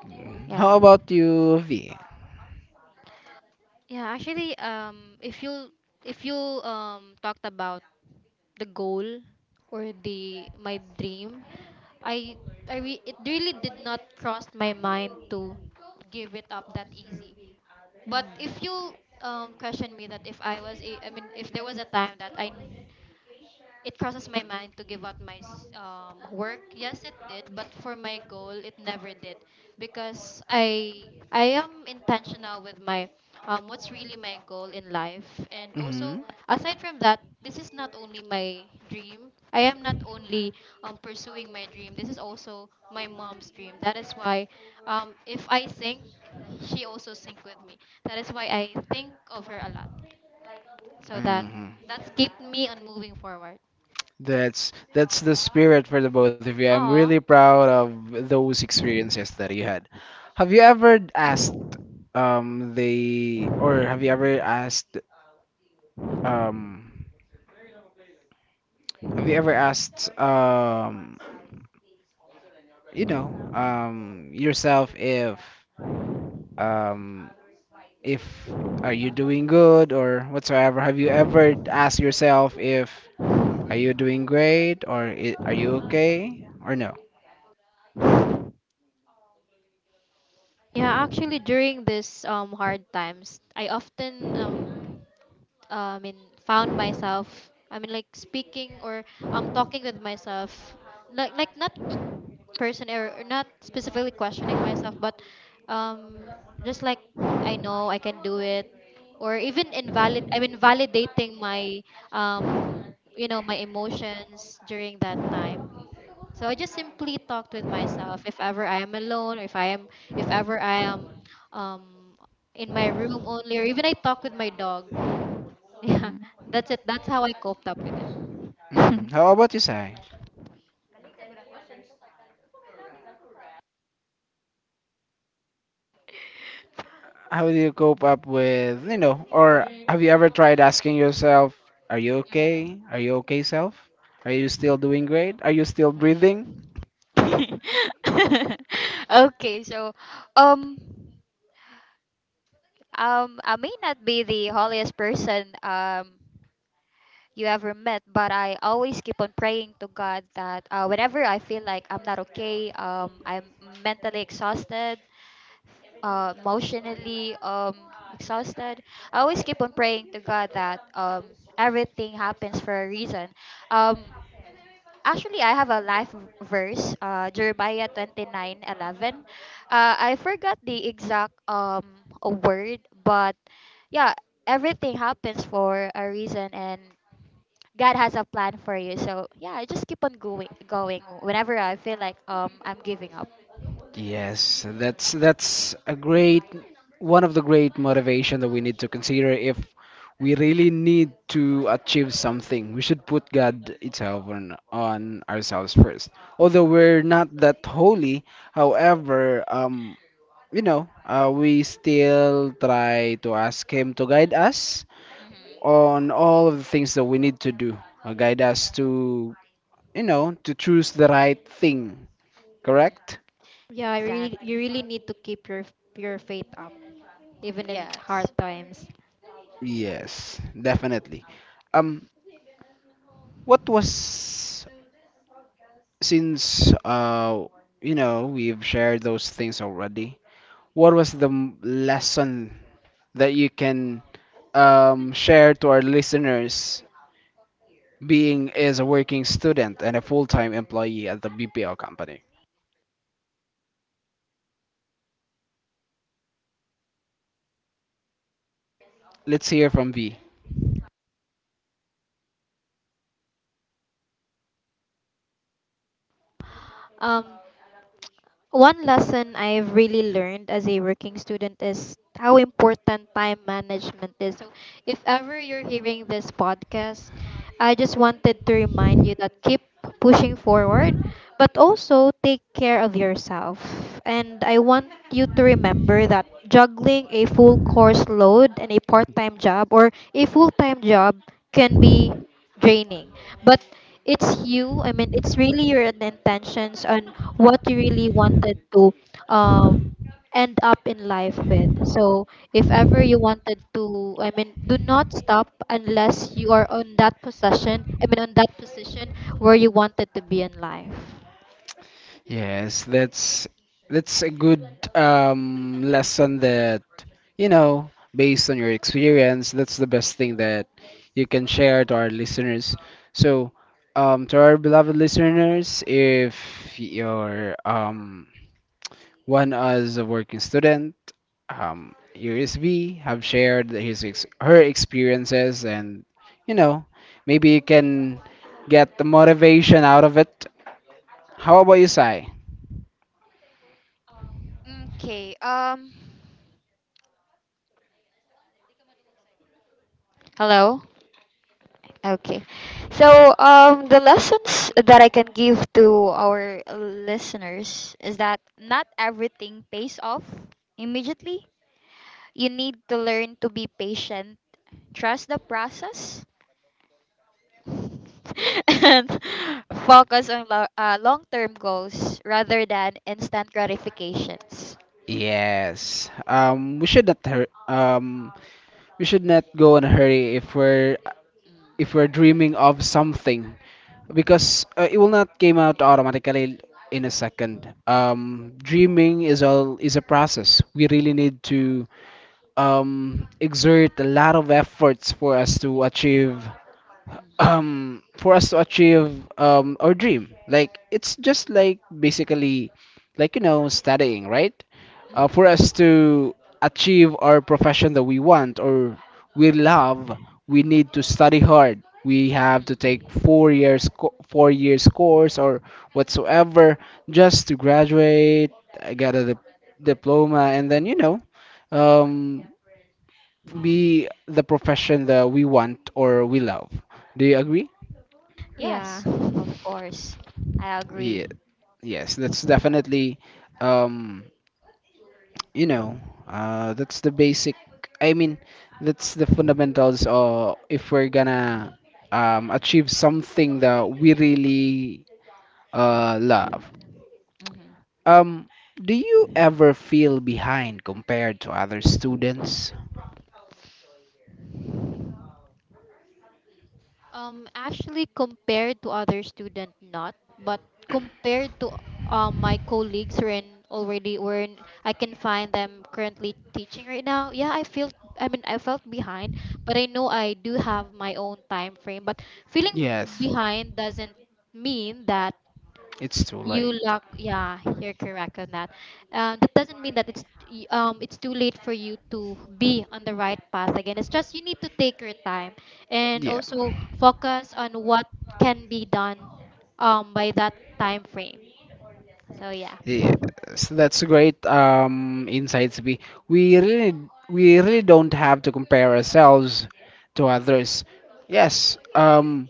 Speaker 1: Mm.
Speaker 3: Yeah.
Speaker 1: How about you, V?
Speaker 2: Yeah, actually, if you talked about the goal or the my dream, I it really did not cross my mind to give it up that easy. But
Speaker 3: Mm.
Speaker 2: if you question me that if I was a, I mean if there was a time that I it crosses my mind to give up my work. Yes, it did, but for my goal, it never did, because I am intentional with my what's really my goal in life, and also
Speaker 1: Mm-hmm.
Speaker 2: aside from that, this is not only my dream. I am not only pursuing my dream. This is also my mom's dream. That is why, if I think, she also think with me. That is why I think of her a lot, so that
Speaker 1: Mm-hmm.
Speaker 2: that's kept me on moving forward.
Speaker 1: That's the spirit for the both of you. I'm
Speaker 3: Aw.
Speaker 1: really proud of those experiences that you had. Have you ever asked um the or have you ever asked um have you ever asked, yourself, if, um if are you doing good or whatsoever? Have you ever asked yourself if, are you doing great, or are you okay or no?
Speaker 2: Yeah, actually, during this hard times, I often found myself. I mean, like speaking or talking with myself, like not person or not specifically questioning myself, but um just like I know I can do it, or even invalid. I mean, validating my um you know my emotions during that time. So I just simply talked with myself if ever I am alone or if I am if ever I am um in my room only or even I talk with my dog. Yeah.
Speaker 3: Mm.
Speaker 2: That's it. That's how I coped up with it.
Speaker 1: Hmm. How about you, Sai? How do you cope up with, you know, or have you ever tried asking yourself, are you okay? Are you okay, self? Are you still doing great? Are you still breathing?
Speaker 3: Mm, okay, so um I may not be the holiest person you ever met, but I always keep on praying to God that, whenever I feel like I'm not okay, I'm mentally exhausted, emotionally exhausted, I always keep on praying to God that, everything happens for a reason. Um, actually, I have a life verse, Jeremiah 29:11. I forgot the exact a word, but yeah, everything happens for a reason and God has a plan for you. So yeah, I just keep on going whenever I feel like I'm giving up.
Speaker 1: Yes, that's a great, one of the great motivation that we need to consider if we really need to achieve something. We should put God itself on ourselves first. Although we're not that holy, however, we still try to ask Him to guide us
Speaker 3: Hmm.
Speaker 1: on all of the things that we need to do. Guide us to, to choose the right thing.
Speaker 3: Hmm.
Speaker 1: Correct?
Speaker 2: Yeah, you
Speaker 3: Exactly.
Speaker 2: really need to keep your faith up even in hard
Speaker 3: Yes.
Speaker 2: times.
Speaker 1: Yes, definitely. Um, what was since we've shared those things already. What was the lesson that you can share to our listeners being as a working student and a full-time employee at the BPO company? Let's hear from V.
Speaker 2: Um One lesson I've really learned as a working student is how important time management is. So, if ever you're hearing this podcast, I just wanted to remind you that keep pushing forward, but also take care of yourself. And I want you to remember that juggling a full course load and a part time job or a full time job can be draining. But it's really your intentions and what you really wanted to um end up in life with. So if ever you wanted to, do not stop unless you are on that possession I mean on that position where you wanted to be in life.
Speaker 1: Yes, that's a good lesson that, based on your experience, that's the best thing that you can share to our listeners. So, to our beloved listeners, if you're one as a working student, USB have shared his ex her experiences, and you know, maybe you can get the motivation out of it. How about you, Sai?
Speaker 3: Okay. Hello. Okay. So, the lessons that I can give to our listeners is that not everything pays off immediately. You need to learn to be patient, trust the process, and focus on long-term goals rather than instant gratifications.
Speaker 1: Yes. We should not hur we should not go in a hurry if we're dreaming of something because it will not came out automatically in a second. Dreaming is all is a process. We really need to exert a lot of efforts for us to achieve
Speaker 3: Mhm.
Speaker 1: for us to achieve our dream, like it's just like basically like studying, right? For us to achieve our profession that we want or we love, we need to study hard. We have to take 4 years course or whatsoever just to graduate, get a diploma, and then um, be the profession that we want or we love. Do you agree?
Speaker 2: Yeah
Speaker 3: Yes, of course. I
Speaker 1: Yeah,
Speaker 3: agree.
Speaker 1: yes, that's definitely, um, you know, that's the basic. I mean, that's the fundamentals. Or if we're gonna achieve something that we really love.
Speaker 3: Mhm.
Speaker 1: Um, do you ever feel behind compared to other students?
Speaker 2: Actually, compared to other student, not, but compared to my colleagues who are in already where I can find them currently teaching right now. Yeah, I feel. I mean, I felt behind, but I know I do have my own time frame. But feeling
Speaker 1: Yes,
Speaker 2: behind doesn't mean that
Speaker 1: it's too
Speaker 2: you
Speaker 1: late.
Speaker 2: luck, yeah, you're correct on that. That doesn't mean that it's it's too late for you to be on the right path again. It's just you need to take your time and
Speaker 1: Yeah.
Speaker 2: also focus on what can be done by that time frame. So yeah,
Speaker 1: Yes, that's a great insights. We really we really don't have to compare ourselves to others. Yes,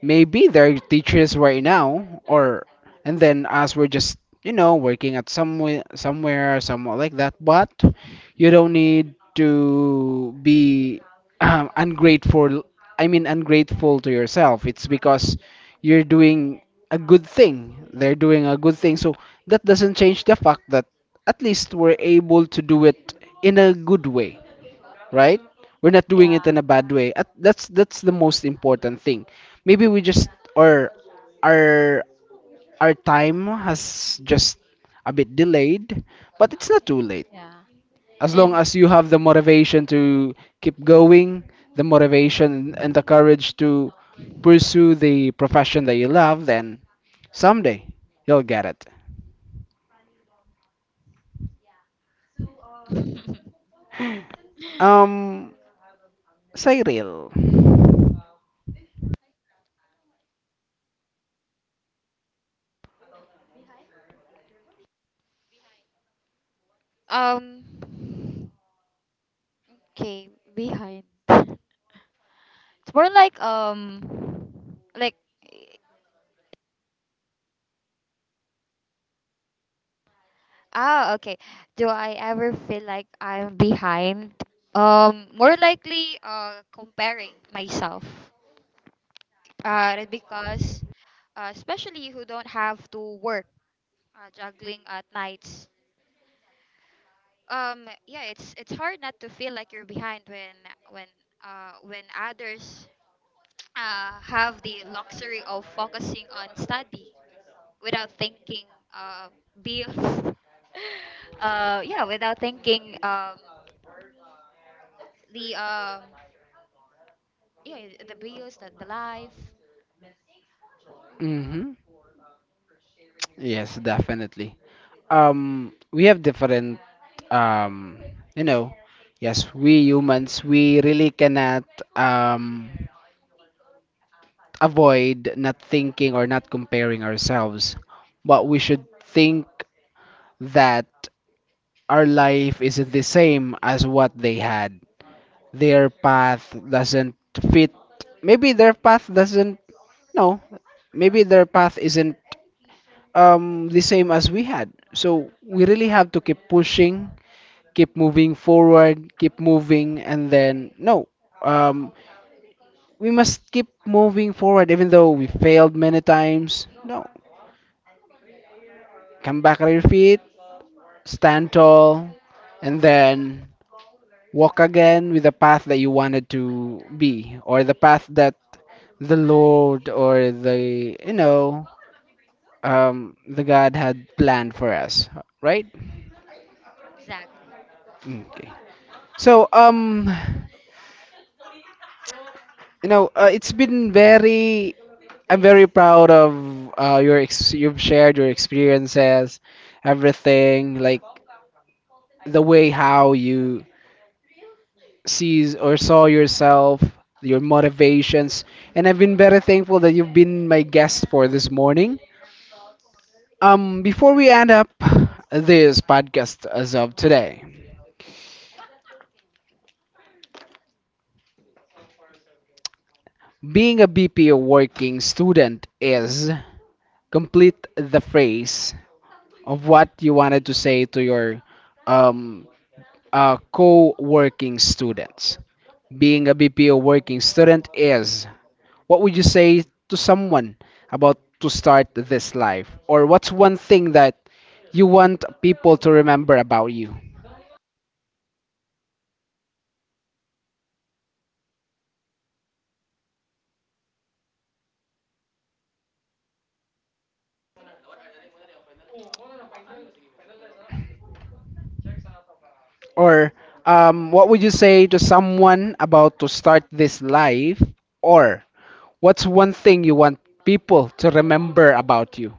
Speaker 1: maybe they're teachers right now, or and then us, we're just working at somewhere, like that. But you don't need to be ungrateful. I mean, ungrateful to yourself. It's because you're doing a good thing. They're doing a good thing, so that doesn't change the fact that at least we're able to do it in a good way, right? We're not doing it
Speaker 2: yeah,
Speaker 1: in a bad way. That's the most important thing. Maybe we just or our our time has just a bit delayed, but it's not too late.
Speaker 2: yeah,
Speaker 1: As long
Speaker 2: and
Speaker 1: as you have the motivation to keep going, the motivation and the courage to pursue the profession that you love, then someday you'll get it. Um, Cyril.
Speaker 3: um. Okay, behind. It's more like like okay. Do I ever feel like I'm behind? Um, more likely comparing myself. Uh, because especially who don't have to work, juggling at nights. Um, yeah, it's hard not to feel like you're behind when when others have the luxury of focusing on study without thinking uh, bills. Yeah, without thinking the yeah, the bills, the life.
Speaker 1: Mm-hmm. Yes, definitely. We have different, um, you know, yes, we humans, we really cannot um, avoid not thinking or not comparing ourselves. But we should think that our life is the same as what they had. Their path doesn't fit. Maybe their path doesn't, no, maybe their path isn't the same as we had. So we really have to keep pushing, keep moving forward, keep moving, and then no, um, we must keep moving forward even though we failed many times. No, come back on your feet, stand tall, and then walk again with the path that you wanted to be or the path that the Lord or the the God had planned for us, right?
Speaker 3: Exactly.
Speaker 1: Okay. So it's been very I'm very proud of your you've shared your experiences, everything like the way how you sees or saw yourself, your motivations, and I've been very thankful that you've been my guest for this morning. Before we end up this podcast as of today, being a BPO working student is, complete the phrase of what you wanted to say to your um, co working students. Being a BPO working student is, what would you say to someone about to start this life? Or what's one thing that you want people to remember about you? Or what would you say to someone about to start this life? Or what's one thing you want people to remember about you?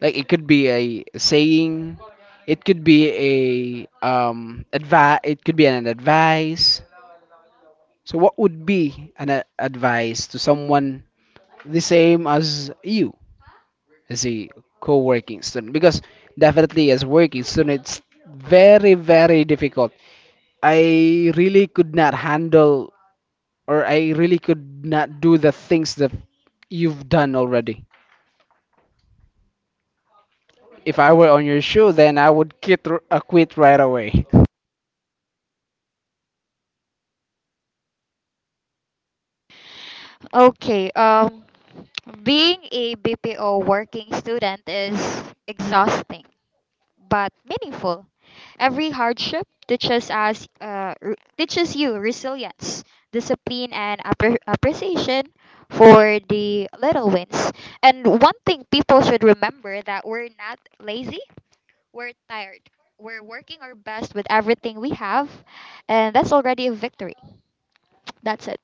Speaker 1: Like it could be a saying, it could be a advice, it could be an advice. So what would be an advice to someone the same as you as a co-working student? Because definitely as working student, it's very very difficult. I really could not handle or I really could not do the things that you've done already. If I were on your shoe, then I would quit, quit right away.
Speaker 3: Okay, being a BPO working student is exhausting but meaningful. Every hardship teaches us, teaches you resilience, discipline, and appreciation for the little wins. And one thing people should remember, that we're not lazy, we're tired. We're working our best with everything we have, and that's already a victory. That's it.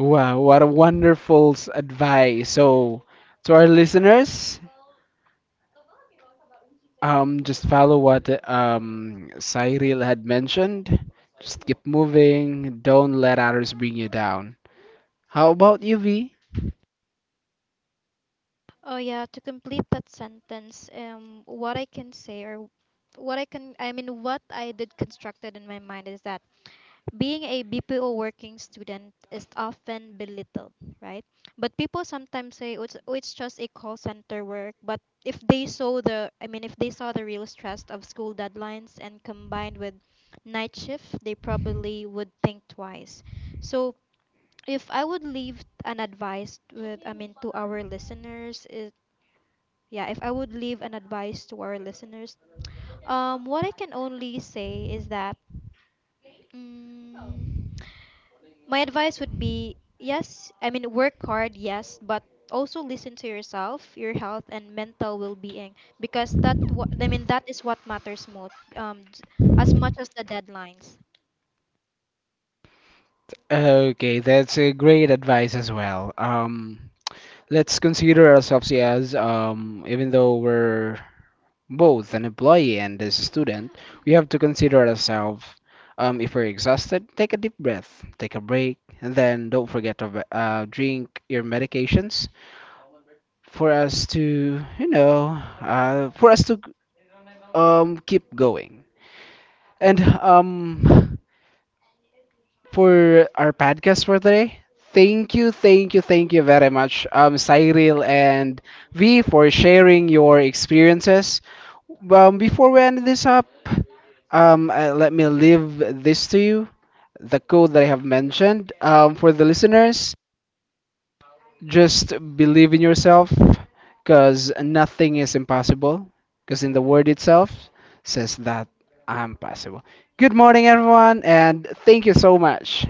Speaker 1: Wow, what a wonderful advice. So, to our listeners, just follow what Cyril had mentioned. Just keep moving. Don't let others bring you down. How about you, V?
Speaker 2: oh yeah, to complete that sentence, what I can say or what I can, I mean, what I did constructed in my mind is that being a BPO working student is often belittled, right? But people sometimes say, "Oh, oh, it's just a call center work." But if they saw the, if they saw the real stress of school deadlines and combined with night shift, they probably would think twice. So if I would leave an advice to our listeners, is yeah, if I would leave an advice to our listeners, what I can only say is that. Mm, my advice would be yes, work hard, yes, but also listen to yourself, your health, and mental well being because that, that is what matters most, as much as the deadlines.
Speaker 1: Okay, that's a great advice as well. Let's consider ourselves as, even though we're both an employee and as a student, we have to consider ourselves. If we're exhausted, take a deep breath, take a break, and then don't forget to drink your medications for us to, for us to keep going. And for our podcast for today. Thank you very much, Cyril and V, for sharing your experiences. Before we end this up, let me leave this to you the code that I have mentioned. For the listeners, just believe in yourself because nothing is impossible, because in the word itself says that I'm possible. Good morning, everyone, and thank you so much.